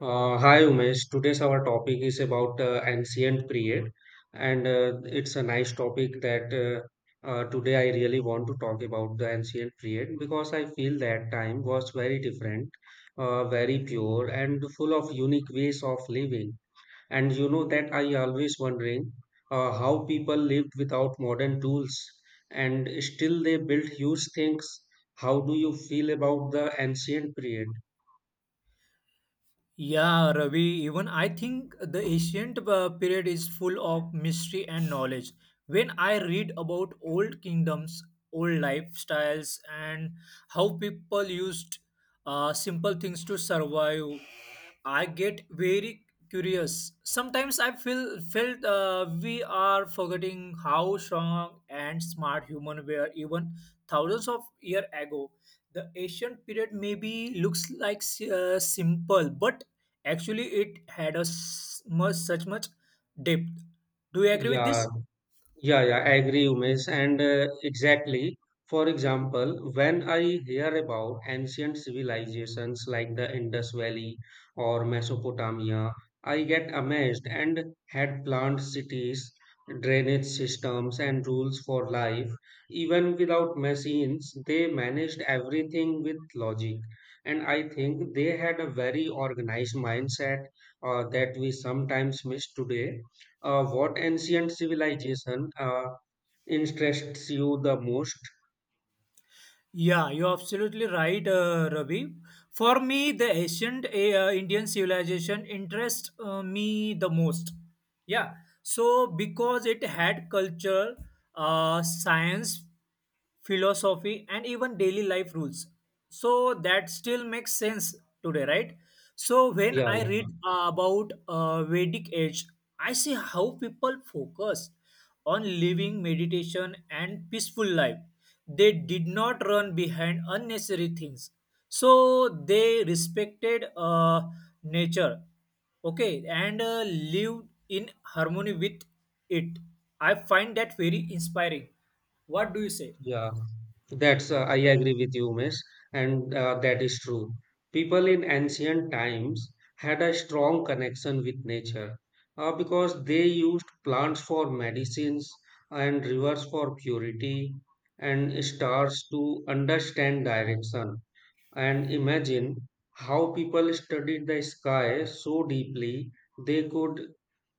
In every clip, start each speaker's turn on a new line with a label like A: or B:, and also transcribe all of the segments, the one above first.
A: Hi Umesh, today's our topic is about ancient period, and it's a nice topic that today I really want to talk about the ancient period because I feel that time was very different, very pure, and full of unique ways of living. And you know that I always wondering how people lived without modern tools, and still they built huge things. How do you feel about the ancient period?
B: Yeah, Ravi, even I think the ancient period is full of mystery and knowledge. When I read about old kingdoms, old lifestyles, and how people used simple things to survive, I get very curious. Sometimes I feel felt we are forgetting how strong and smart human were even thousands of years ago. The ancient period maybe looks like simple, but actually, it had such much depth. Do you agree with
A: Yeah,
B: this?
A: Yeah, yeah, I agree, Umesh. And exactly, for example, when I hear about ancient civilizations like the Indus Valley or Mesopotamia, I get amazed and had planned cities, drainage systems, and rules for life. Even without machines, they managed everything with logic. And I think they had a very organized mindset that we sometimes miss today. What ancient civilization interests you the most?
B: Yeah, you're absolutely right, Ravi. For me, the ancient Indian civilization interests me the most. Yeah, so because it had culture, science, philosophy, and even daily life rules. So that still makes sense today, right? So when
A: Yeah,
B: I
A: yeah,
B: read about Vedic age, I see how people focused on living meditation and peaceful life. They did not run behind unnecessary things. So they respected nature, okay, and lived in harmony with it. I find that very inspiring. What do you say?
A: yeah. That's I agree with you, Miss, and that is true. People in ancient times had a strong connection with nature because they used plants for medicines and rivers for purity and stars to understand direction. And imagine how people studied the sky so deeply they could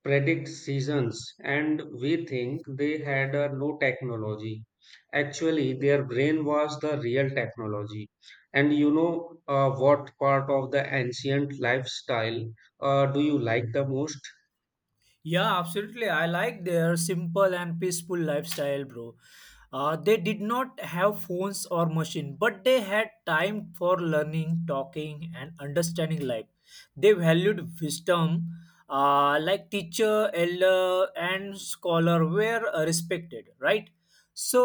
A: predict seasons, and we think they had no technology. Actually, their brain was the real technology. And you know what part of the ancient lifestyle do you like the most?
B: Yeah, absolutely. I like their simple and peaceful lifestyle, bro. They did not have phones or machine, but they had time for learning, talking, and understanding life. They valued wisdom, like teacher, elder, and scholar were respected, right?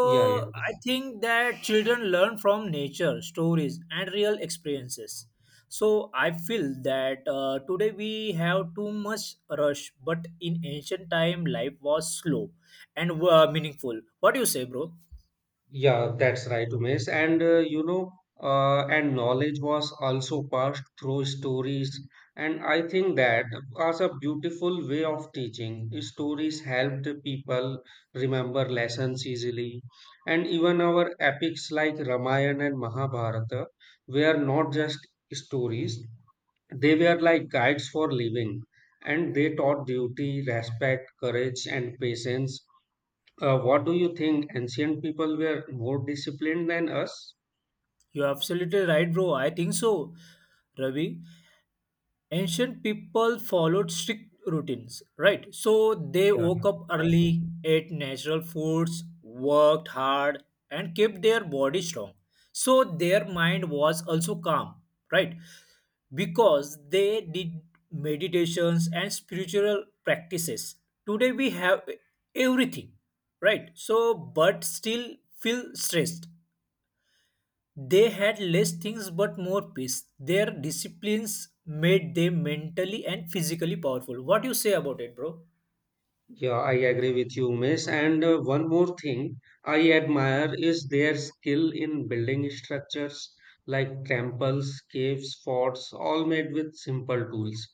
A: Yeah, yeah.
B: I think that children learn from nature, stories, and real experiences. So I feel that today we have too much rush, but in ancient time, life was slow and meaningful. What do you say, bro?
A: Yeah, that's right, Umesh. And you know, and knowledge was also passed through stories. And I think that was a beautiful way of teaching. Stories helped people remember lessons easily. And even our epics like Ramayana and Mahabharata were not just stories, they were like guides for living. And they taught duty, respect, courage, and patience. What do you think? Ancient people were more disciplined than us?
B: You're absolutely right, bro. I think so, Ravi. Ancient people followed strict routines, right? So they
A: Yeah.
B: woke up early, ate natural foods, worked hard, and kept their body strong, so their mind was also calm, right? Because they did meditations and spiritual practices. Today we have everything, right? So but still feel stressed. They had less things but more peace. Their disciplines made them mentally and physically powerful. What do you say about it, bro?
A: Yeah, I agree with you, Miss. And one more thing I admire is their skill in building structures like temples, caves, forts, all made with simple tools,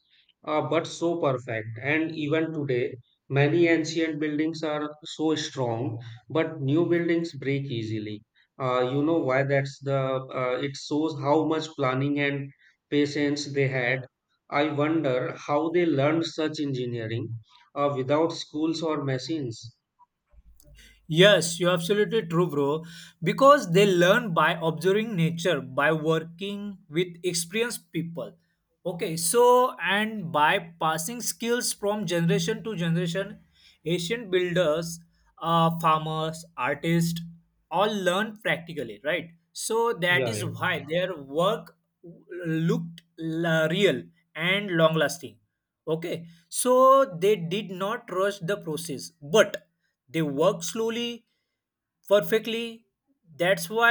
A: but so perfect. And even today, many ancient buildings are so strong, but new buildings break easily. You know why that's the it shows how much planning and patience they had. I wonder how they learned such engineering without schools or machines.
B: Yes, you're absolutely true, bro. Because they learn by observing nature, by working with experienced people. Okay, so and by passing skills from generation to generation, ancient builders, farmers, artists, all learn practically, right? So that
A: Yeah,
B: is
A: yeah,
B: why their work looked real and long lasting. Okay, so they did not rush the process, but they worked slowly, perfectly. That's why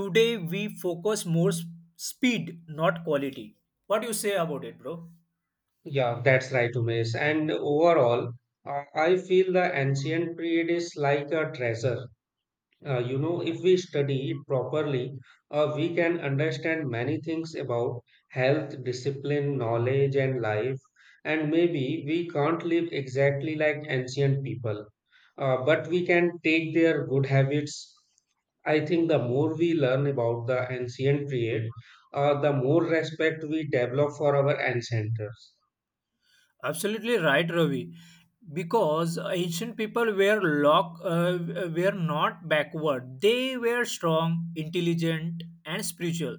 B: today we focus more speed, not quality. What do you say about it, bro?
A: yeah, that's right, Umesh. And overall, I feel the ancient period is like a treasure. You know, if we study it properly, we can understand many things about health, discipline, knowledge, and life. And maybe we can't live exactly like ancient people, but we can take their good habits. I think the more we learn about the ancient period, the more respect we develop for our ancestors.
B: Absolutely right, Ravi. Because ancient people were not backward. They were strong, intelligent, and spiritual.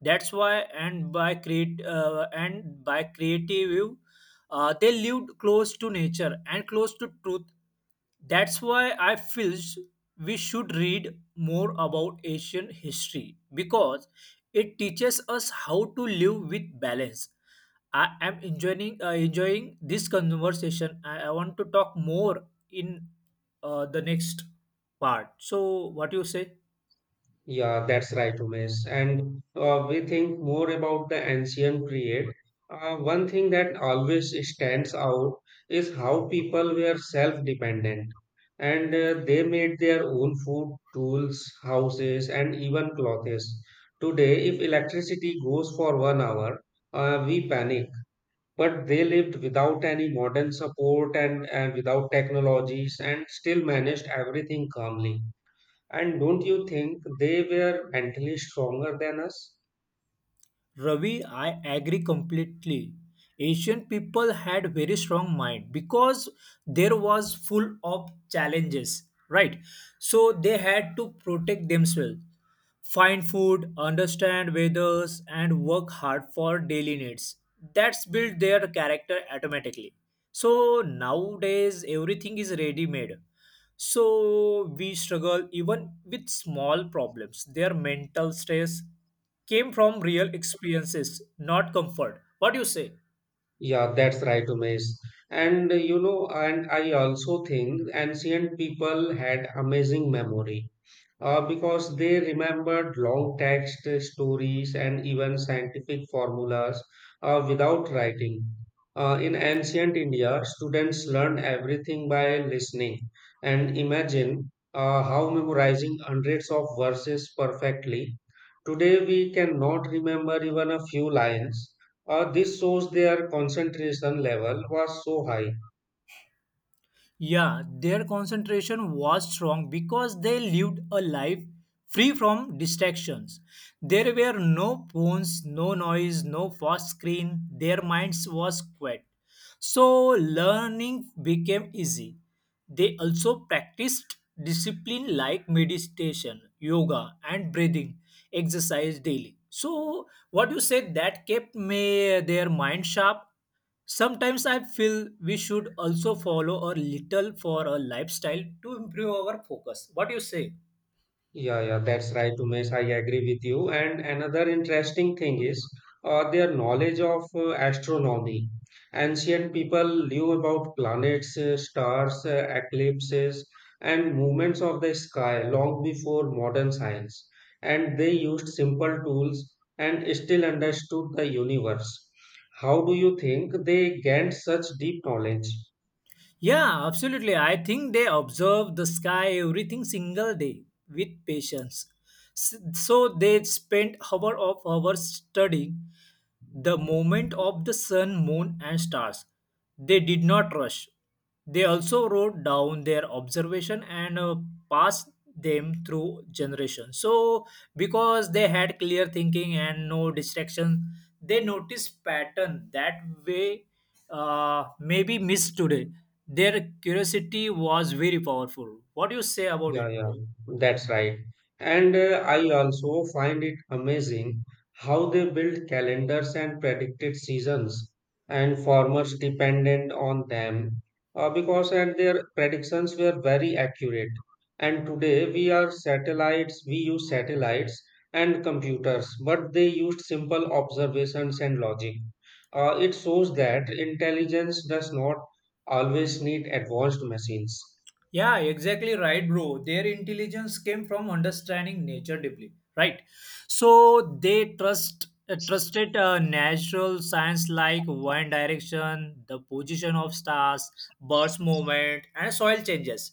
B: That's why, and by creative they lived close to nature and close to truth. That's why I feel we should read more about Asian history because it teaches us how to live with balance. I am enjoying this conversation. I want to talk more in the next part. So, what do you say?
A: Yeah, that's right, Umesh. And we think more about the ancient period. One thing that always stands out is how people were self-dependent, and they made their own food, tools, houses, and even clothes. Today, if electricity goes for 1 hour, we panic. But they lived without any modern support and without technologies, and still managed everything calmly. And don't you think they were mentally stronger than us?
B: Ravi, I agree completely. Asian people had very strong mind because there was full of challenges, right? So they had to protect themselves, find food, understand weathers, and work hard for daily needs. That's built their character automatically. So nowadays everything is ready made. So we struggle even with small problems. Their mental stress came from real experiences, not comfort. What do you say?
A: Yeah, that's right, Umesh. And you know, and I also think ancient people had amazing memory because they remembered long text stories and even scientific formulas without writing. In ancient India, students learned everything by listening. And imagine how memorizing hundreds of verses perfectly. Today, we cannot remember even a few lines. This shows their concentration level was so high.
B: Yeah, their concentration was strong because they lived a life free from distractions. There were no phones, no noise, no fast screen. Their minds was quiet. So learning became easy. They also practiced discipline like meditation, yoga, and breathing exercise daily. So, what you said that kept me, their mind sharp. Sometimes I feel we should also follow a little for a lifestyle to improve our focus. What do you say?
A: Yeah, yeah, that's right, Umesh. I agree with you. And another interesting thing is their knowledge of astronomy. Ancient people knew about planets, stars, eclipses, and movements of the sky long before modern science. And they used simple tools and still understood the universe. How do you think they gained such deep knowledge?
B: Yeah, absolutely. I think they observe the sky everything single day with patience. So they spend hour of hours studying the movement of the sun, moon, and stars. They did not rush. They also wrote down their observation and passed them through generations. So, because they had clear thinking and no distraction, they noticed pattern that way may be missed today. Their curiosity was very powerful. What do you say about
A: Yeah,
B: it,
A: yeah,
B: bro?
A: that's right. And I also find it amazing how they build calendars and predicted seasons, and farmers depended on them because and their predictions were very accurate. And today we are satellites, we use satellites and computers, but they used simple observations and logic. It shows that intelligence does not always need advanced machines.
B: Yeah, exactly right, bro. Their intelligence came from understanding nature deeply, right? So they trust trusted natural science like wind direction, the position of stars, birds' movement, and soil changes.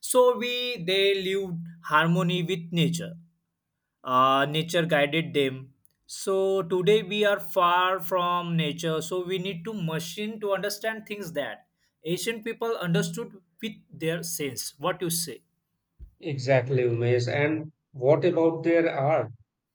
B: So we they lived harmony with nature, nature guided them. So today we are far from nature, so we need to machine to understand things that ancient people understood with their sense. What you say?
A: Exactly, Umesh. And what about their art?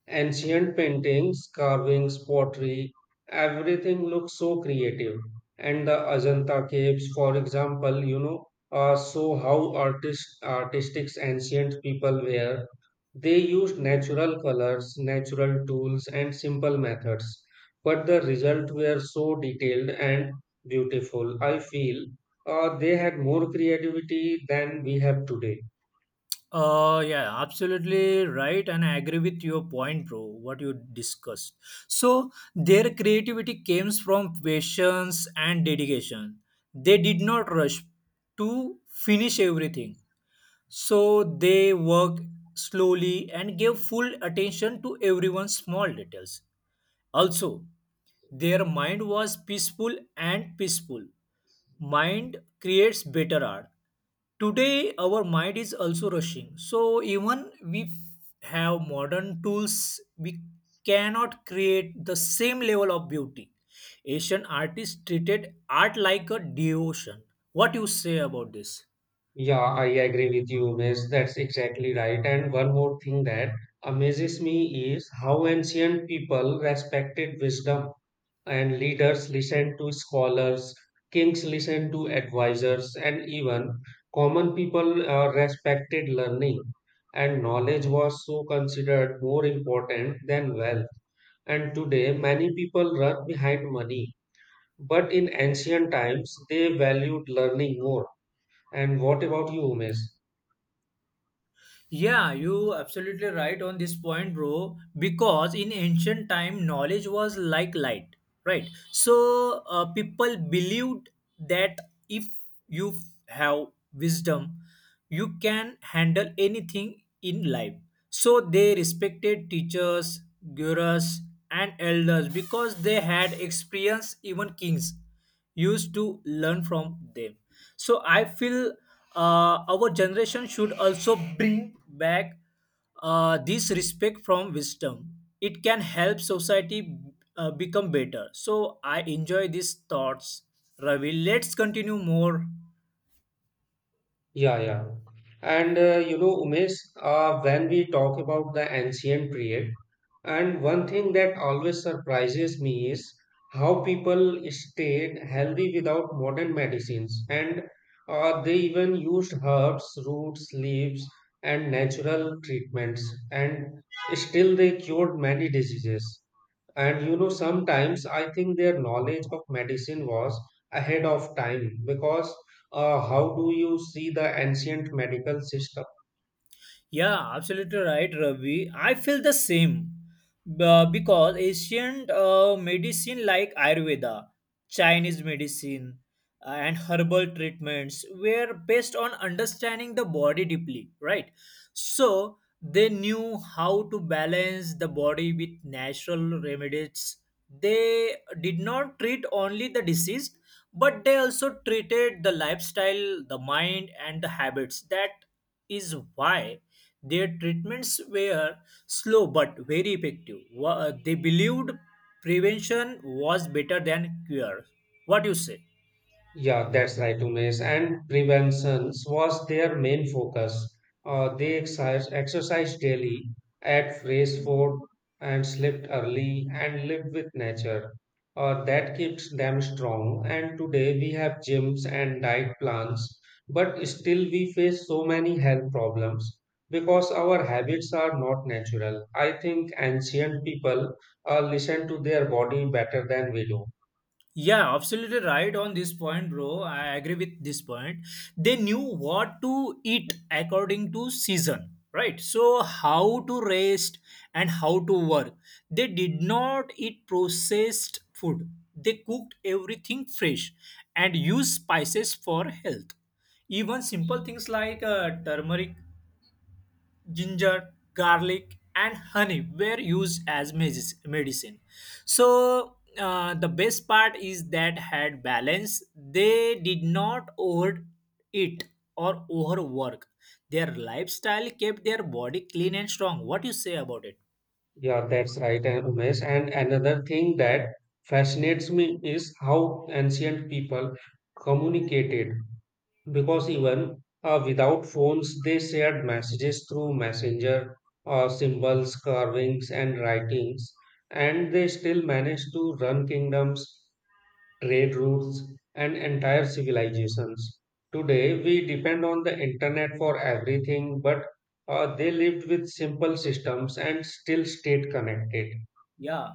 A: Ancient paintings, carvings, pottery, everything looks so creative. And the Ajanta caves, for example, you know, show how artistic ancient people were. They used natural colors, natural tools, and simple methods. But the result were so detailed and beautiful. I feel they had more creativity than we have today.
B: Yeah, absolutely right, and I agree with your point, bro. What you discussed. So their creativity came from patience and dedication. They did not rush to finish everything. So they worked slowly and gave full attention to everyone's small details. Also, their mind was peaceful and peaceful. Mind creates better art. Today, our mind is also rushing. So, even we have modern tools, we cannot create the same level of beauty. Asian artists treated art like a devotion. What you say about this?
A: Yeah, I agree with you, Umesh. That's exactly right. And one more thing that amazes me is how ancient people respected wisdom, and leaders listened to scholars, kings listened to advisors, and even common people respected learning. And knowledge was so considered more important than wealth. And today, many people run behind money. But in ancient times, they valued learning more. And what about you, Umesh?
B: Yeah, you absolutely right on this point, bro. Because in ancient time, knowledge was like light, right? So people believed that if you have wisdom, you can handle anything in life. So they respected teachers, gurus, and elders because they had experience. Even kings used to learn from them. So I feel our generation should also bring back this respect from wisdom. It can help society become better. So I enjoy these thoughts, Ravi. Let's continue more.
A: Yeah, yeah. And you know, Umesh, when we talk about the ancient period, and one thing that always surprises me is how people stayed healthy without modern medicines. And they even used herbs, roots, leaves, and natural treatments. And still they cured many diseases. And you know, sometimes I think their knowledge of medicine was ahead of time because how do you see the ancient medical system?
B: Yeah, absolutely right, Ravi. I feel the same. Because ancient medicine like Ayurveda, Chinese medicine, and herbal treatments were based on understanding the body deeply, right? So they knew how to balance the body with natural remedies. They did not treat only the disease, but they also treated the lifestyle, the mind, and the habits. That is why their treatments were slow but very effective. They believed prevention was better than cure. What do you say?
A: Yeah, that's right, Umesh. And preventions was their main focus. They exercised daily, ate fresh food, and slept early, and lived with nature. That keeps them strong. And today we have gyms and diet plans, but still we face so many health problems because our habits are not natural. I think ancient people listen to their body better than we do.
B: Yeah, absolutely right on this point, bro. I agree with this point. They knew what to eat according to season, right? So, how to rest and how to work. They did not eat processed food, they cooked everything fresh and used spices for health. Even simple things like turmeric, ginger, garlic, and honey were used as medicine. So the best part is that had balance. They did not over eat or overwork. Their lifestyle kept their body clean and strong. What you say about it?
A: Yeah, that's right, and Umesh. And another thing that fascinates me is how ancient people communicated, because even without phones, they shared messages through messenger, symbols, carvings, and writings, and they still managed to run kingdoms trade routes, and entire civilizations. Today, we depend on the internet for everything, but they lived with simple systems and still stayed connected.
B: Yeah,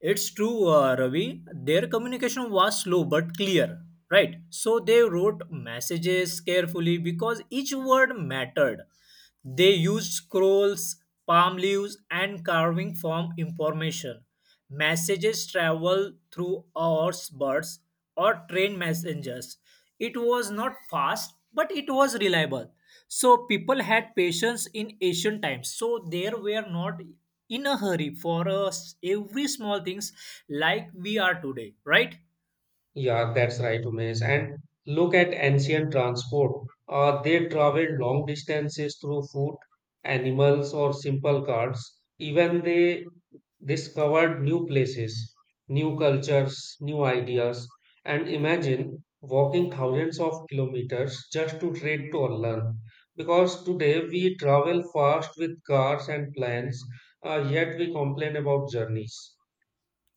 B: it's true, Ravi. Their communication was slow but clear, right? So they wrote messages carefully because each word mattered. They used scrolls, palm leaves, and carving form information. Messages travel through horse birds or train messengers. It was not fast, but it was reliable. So people had patience in ancient times. So they were not in a hurry for us every small things like we are today, right?
A: Yeah, that's right, Umesh. And look at ancient transport. They traveled long distances through food, animals, or simple carts. Even they discovered new places, new cultures, new ideas. And imagine walking thousands of kilometers just to trade to learn. Because today we travel fast with cars and planes, yet we complain about journeys.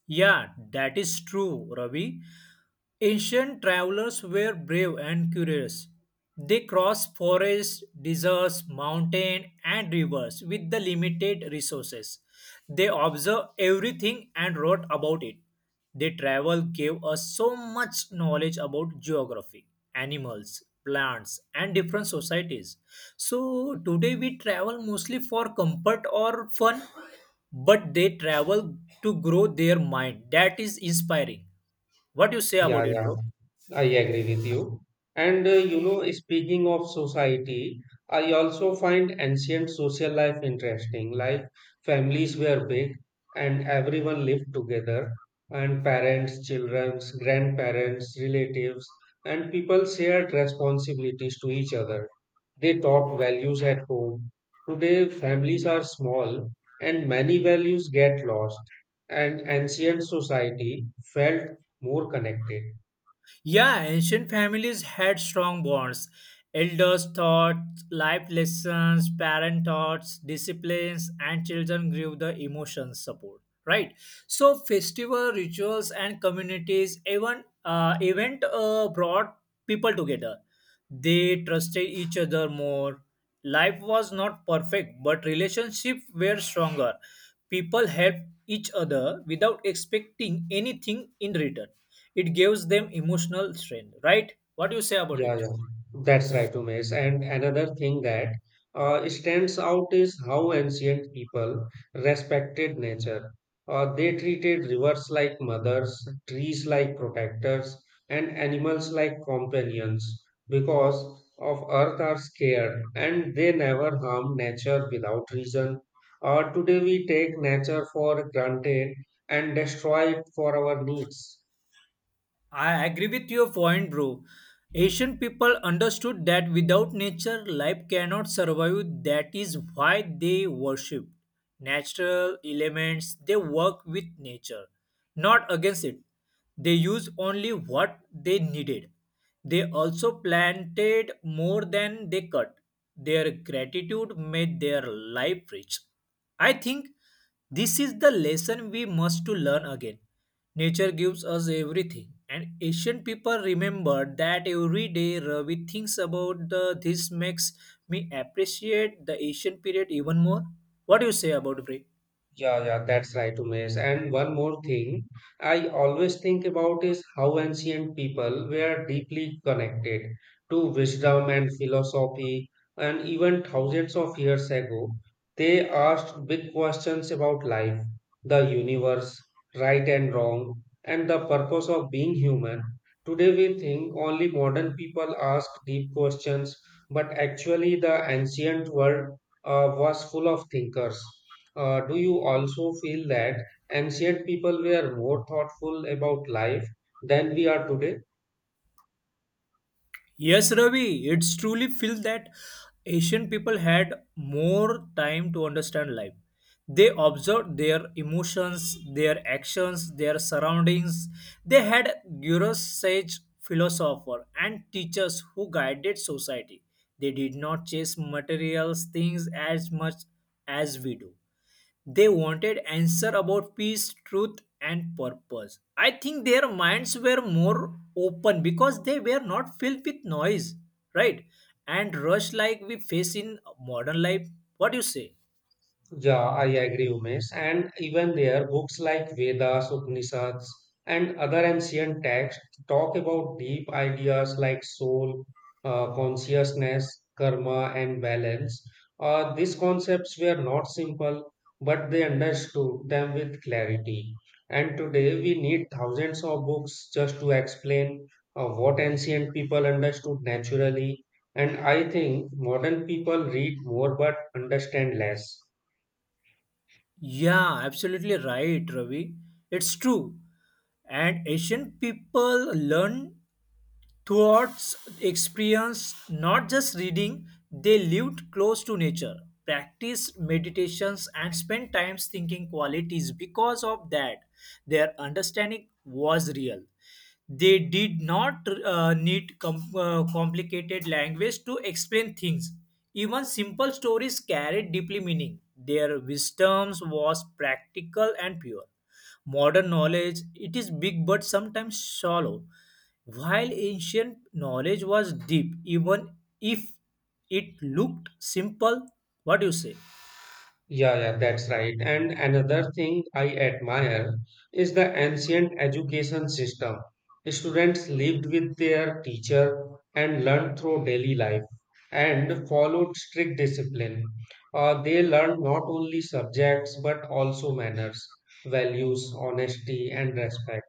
B: Yeah, that is true, Ravi. Ancient travelers were brave and curious. They crossed forests, deserts, mountains, and rivers with the limited resources. They observed everything and wrote about it. Their travel gave us so much knowledge about geography, animals, plants, and different societies. So today we travel mostly for comfort or fun, but they travel to grow their mind. That is inspiring. What you say
A: Yeah,
B: about it,
A: yeah,
B: bro?
A: I agree with you. And you know, speaking of society, I also find ancient social life interesting. Like families were big and everyone lived together, and parents, children, grandparents, relatives, and people shared responsibilities to each other. They taught values at home. Today, families are small and many values get lost. And ancient society felt more connected.
B: Yeah, ancient families had strong bonds. Elders taught life lessons, parent taught disciplines, and children grew the emotional support. Right. So festival rituals and communities even event brought people together. They trusted each other more. Life was not perfect, but relationships were stronger. People helped each other without expecting anything in return. It gives them emotional strength, right? What do you say about
A: Yeah,
B: it?
A: yeah, that's right, Umesh. And another thing that stands out is how ancient people respected nature. They treated rivers like mothers, trees like protectors, and animals like companions because of earth are scared and they never harm nature without reason. Today we take nature for granted and destroy it for our needs.
B: I agree with your point, bro. Asian people understood that without nature, life cannot survive. That is why they worship natural elements. They work with nature, not against it. They use only what they needed. They also planted more than they cut. Their gratitude made their life rich. I think this is the lesson we must to learn again. Nature gives us everything, and ancient people remember that every day. Ravi thinks about the this makes me appreciate the ancient period even more. What do you say about it?
A: Yeah, yeah, that's right, Umesh. And one more thing I always think about is how ancient people were deeply connected to wisdom and philosophy. And even thousands of years ago, they asked big questions about life, the universe, right and wrong, and the purpose of being human. Today, we think only modern people ask deep questions, but actually, the ancient world was full of thinkers. Do you also feel that ancient people were more thoughtful about life than we are today?
B: Yes, Ravi, it's truly feels that Asian people had more time to understand life. They observed their emotions, their actions, their surroundings. They had gurus, sage philosopher, and teachers who guided society. They did not chase materials things as much as we do. They wanted answer about peace, truth, and purpose. I think their minds were more open because they were not filled with noise, right? And rush like we face in modern life. What do you say?
A: Yeah, I agree, Umesh. And even there, books like Vedas, Upanishads, and other ancient texts talk about deep ideas like soul, consciousness, karma, and balance. These concepts were not simple, but they understood them with clarity. And today, we need thousands of books just to explain what ancient people understood naturally. And I think modern people read more but understand less.
B: Yeah, absolutely right, Ravi. It's true. And Asian people learn towards experience, not just reading, they lived close to nature, practiced meditations, and spent times thinking qualities. Because of that, their understanding was real. They did not need complicated language to explain things. Even simple stories carried deeply meaning. Their wisdom was practical and pure. Modern knowledge, it is big but sometimes shallow. While ancient knowledge was deep, even if it looked simple, what do you say?
A: Yeah, yeah, that's right. And another thing I admire is the ancient education system. Students lived with their teacher and learned through daily life and followed strict discipline. They learned not only subjects but also manners, values, honesty, and respect.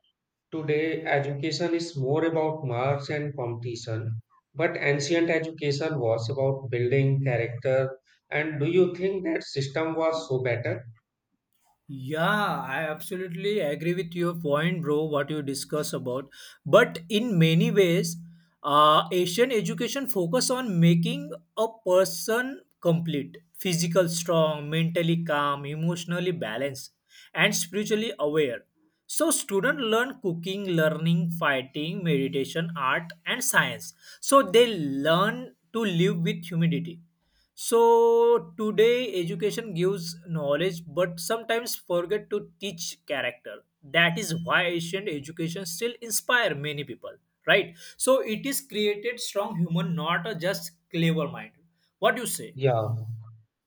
A: Today, education is more about marks and competition, but ancient education was about building character. And do you think that system was so better?
B: Yeah, I absolutely agree with your point, bro, what you discuss about. But in many ways, Asian education focus on making a person complete, physical strong, mentally calm, emotionally balanced, and spiritually aware. So students learn cooking, learning, fighting, meditation, art, and science. So they learn to live with humidity. So today education gives knowledge, but sometimes forget to teach character. That is why ancient education still inspire many people, right? So it is created strong human, not a just clever mind. What do you say?
A: Yeah.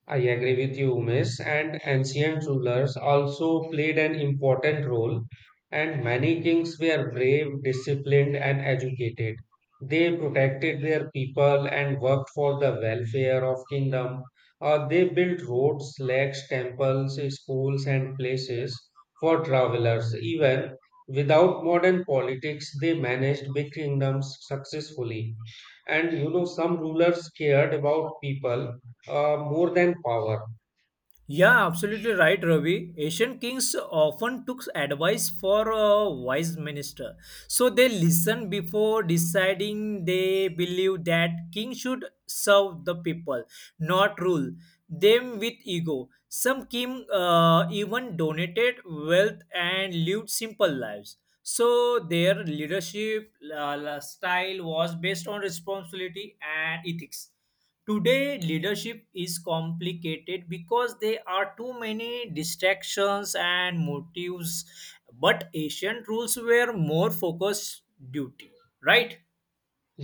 A: I agree with you, Umesh, and ancient rulers also played an important role, and many kings were brave, disciplined, and educated. They protected their people and worked for the welfare of kingdom. They built roads, lakes, temples, schools, and places for travelers. Even without modern politics, they managed big kingdoms successfully. And you know, some rulers cared about people more than power.
B: Yeah, absolutely right, Ravi. Asian kings often took advice for a wise minister. So they listened before deciding they believed that king should serve the people, not rule them with ego. Some king even donated wealth and lived simple lives. So their leadership style was based on responsibility and ethics. Today, leadership is complicated because there are too many distractions and motives, but ancient rules were more focused duty, right?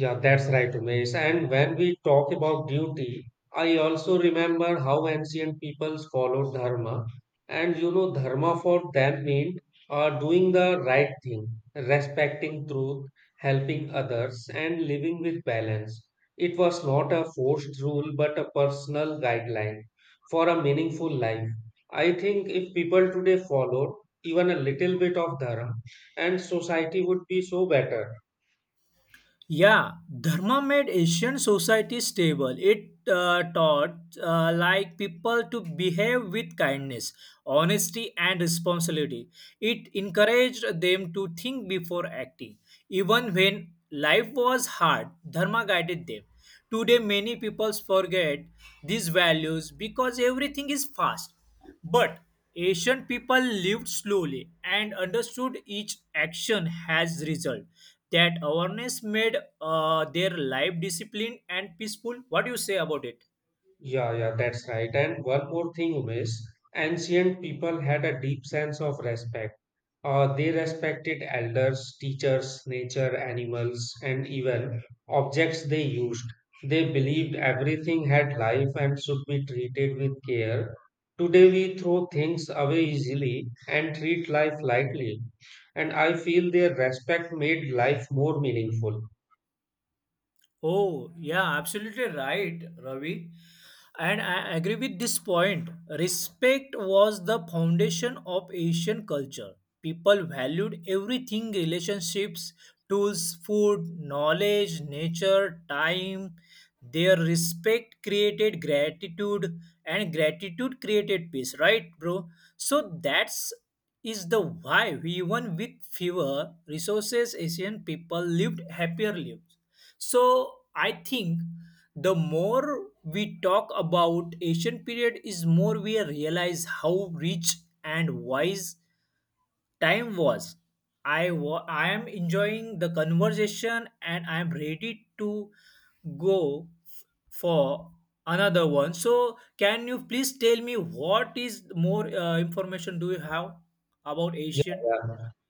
A: Yeah, that's right, Umesh. And when we talk about duty, I also remember how ancient peoples followed dharma. And you know, dharma for them meant doing the right thing, respecting truth, helping others, and living with balance. It was not a forced rule, but a personal guideline for a meaningful life. I think if people today followed even a little bit of dharma, and society would be so better.
B: Yeah, Dharma made Asian society stable. It taught like people to behave with kindness, honesty, and responsibility. It encouraged them to think before acting, even when life was hard. Dharma guided them. Today, many people forget these values because everything is fast. But ancient people lived slowly and understood each action has result. That awareness made their life disciplined and peaceful. What do you say about it?
A: Yeah, yeah, that's right. And one more thing, Umesh, ancient people had a deep sense of respect. They respected elders, teachers, nature, animals, and even objects they used. They believed everything had life and should be treated with care. Today, we throw things away easily and treat life lightly. And I feel their respect made life more meaningful.
B: Oh, yeah, absolutely right, Ravi. And I agree with this point. Respect was the foundation of Asian culture. People valued everything relationships, tools, food, knowledge, nature, time. Their respect created gratitude, and gratitude created peace, right, bro? So that's is the why we even with fewer resources asian people lived happier lives. So I think the more we talk about Asian period is more we realize how rich and wise time was. I am enjoying the conversation and I am ready to go for another one. So can you please tell me what is more information do you have about
A: Yeah,
B: Asian?
A: yeah.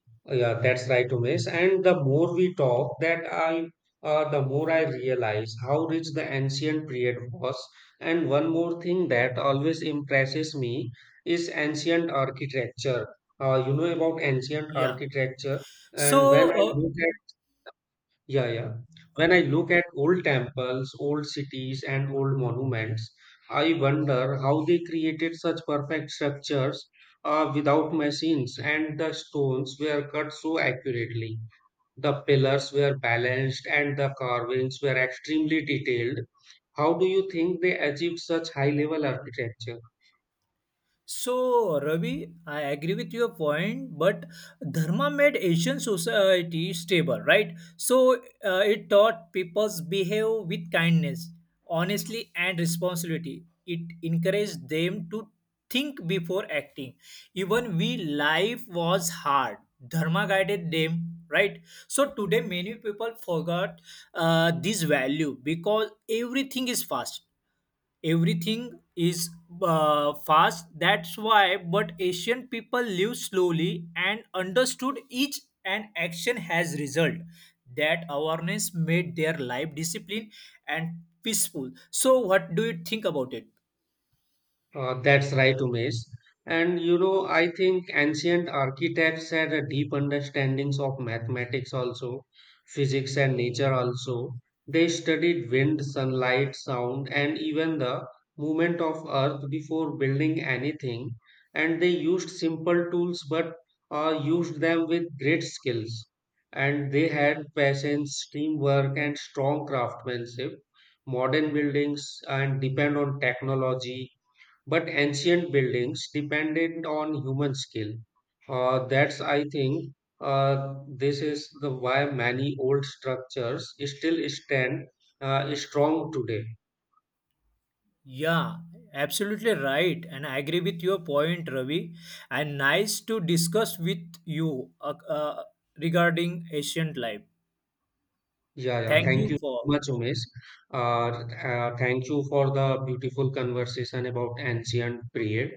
A: Yeah, that's right, Umesh. And the more we talk, the more I realize how rich the ancient period was. And one more thing that always impresses me is ancient architecture. You know about ancient
B: Yeah.
A: architecture, and when
B: So
A: I
B: uh,
A: look yeah, yeah. When I look at old temples, old cities, and old monuments, I wonder how they created such perfect structures without machines, and the stones were cut so accurately. The pillars were balanced, and the carvings were extremely detailed. How do you think they achieved such high level architecture?
B: so, Ravi, I agree with your point, but Dharma made Asian society stable, right? So, it taught people behave with kindness, honestly, and responsibility. It encouraged them to think before acting. Even we life was hard. Dharma guided them, right? So today many people forgot this value because everything is fast, everything is fast, that's why. But asian people live slowly and understood each and action has result. That awareness made their life discipline and peaceful. So what do you think about it?
A: That's right, Umesh. And you know, I think ancient architects had a deep understandings of mathematics also, physics and nature also. They studied wind, sunlight, sound, and even the movement of earth before building anything. And they used simple tools but used them with great skills. And they had patience, teamwork, and strong craftsmanship. Modern buildings and depend on technology but ancient buildings depended on human skill. Uh, that's, I think, this is the why many old structures still stand strong today.
B: Yeah, absolutely right, and I agree with your point, Ravi, and nice to discuss with you, regarding asian life.
A: Yeah, yeah.
B: Thank
A: Thank
B: you
A: you so
B: for,
A: much, Umesh. Uh, thank you for the beautiful conversation about ancient period.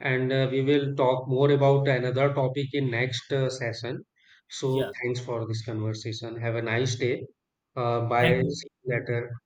A: And we will talk more about another topic in next session. So
B: yeah,
A: thanks for this conversation. Have a nice day.
B: thank
A: Bye.
B: you.
A: See you later.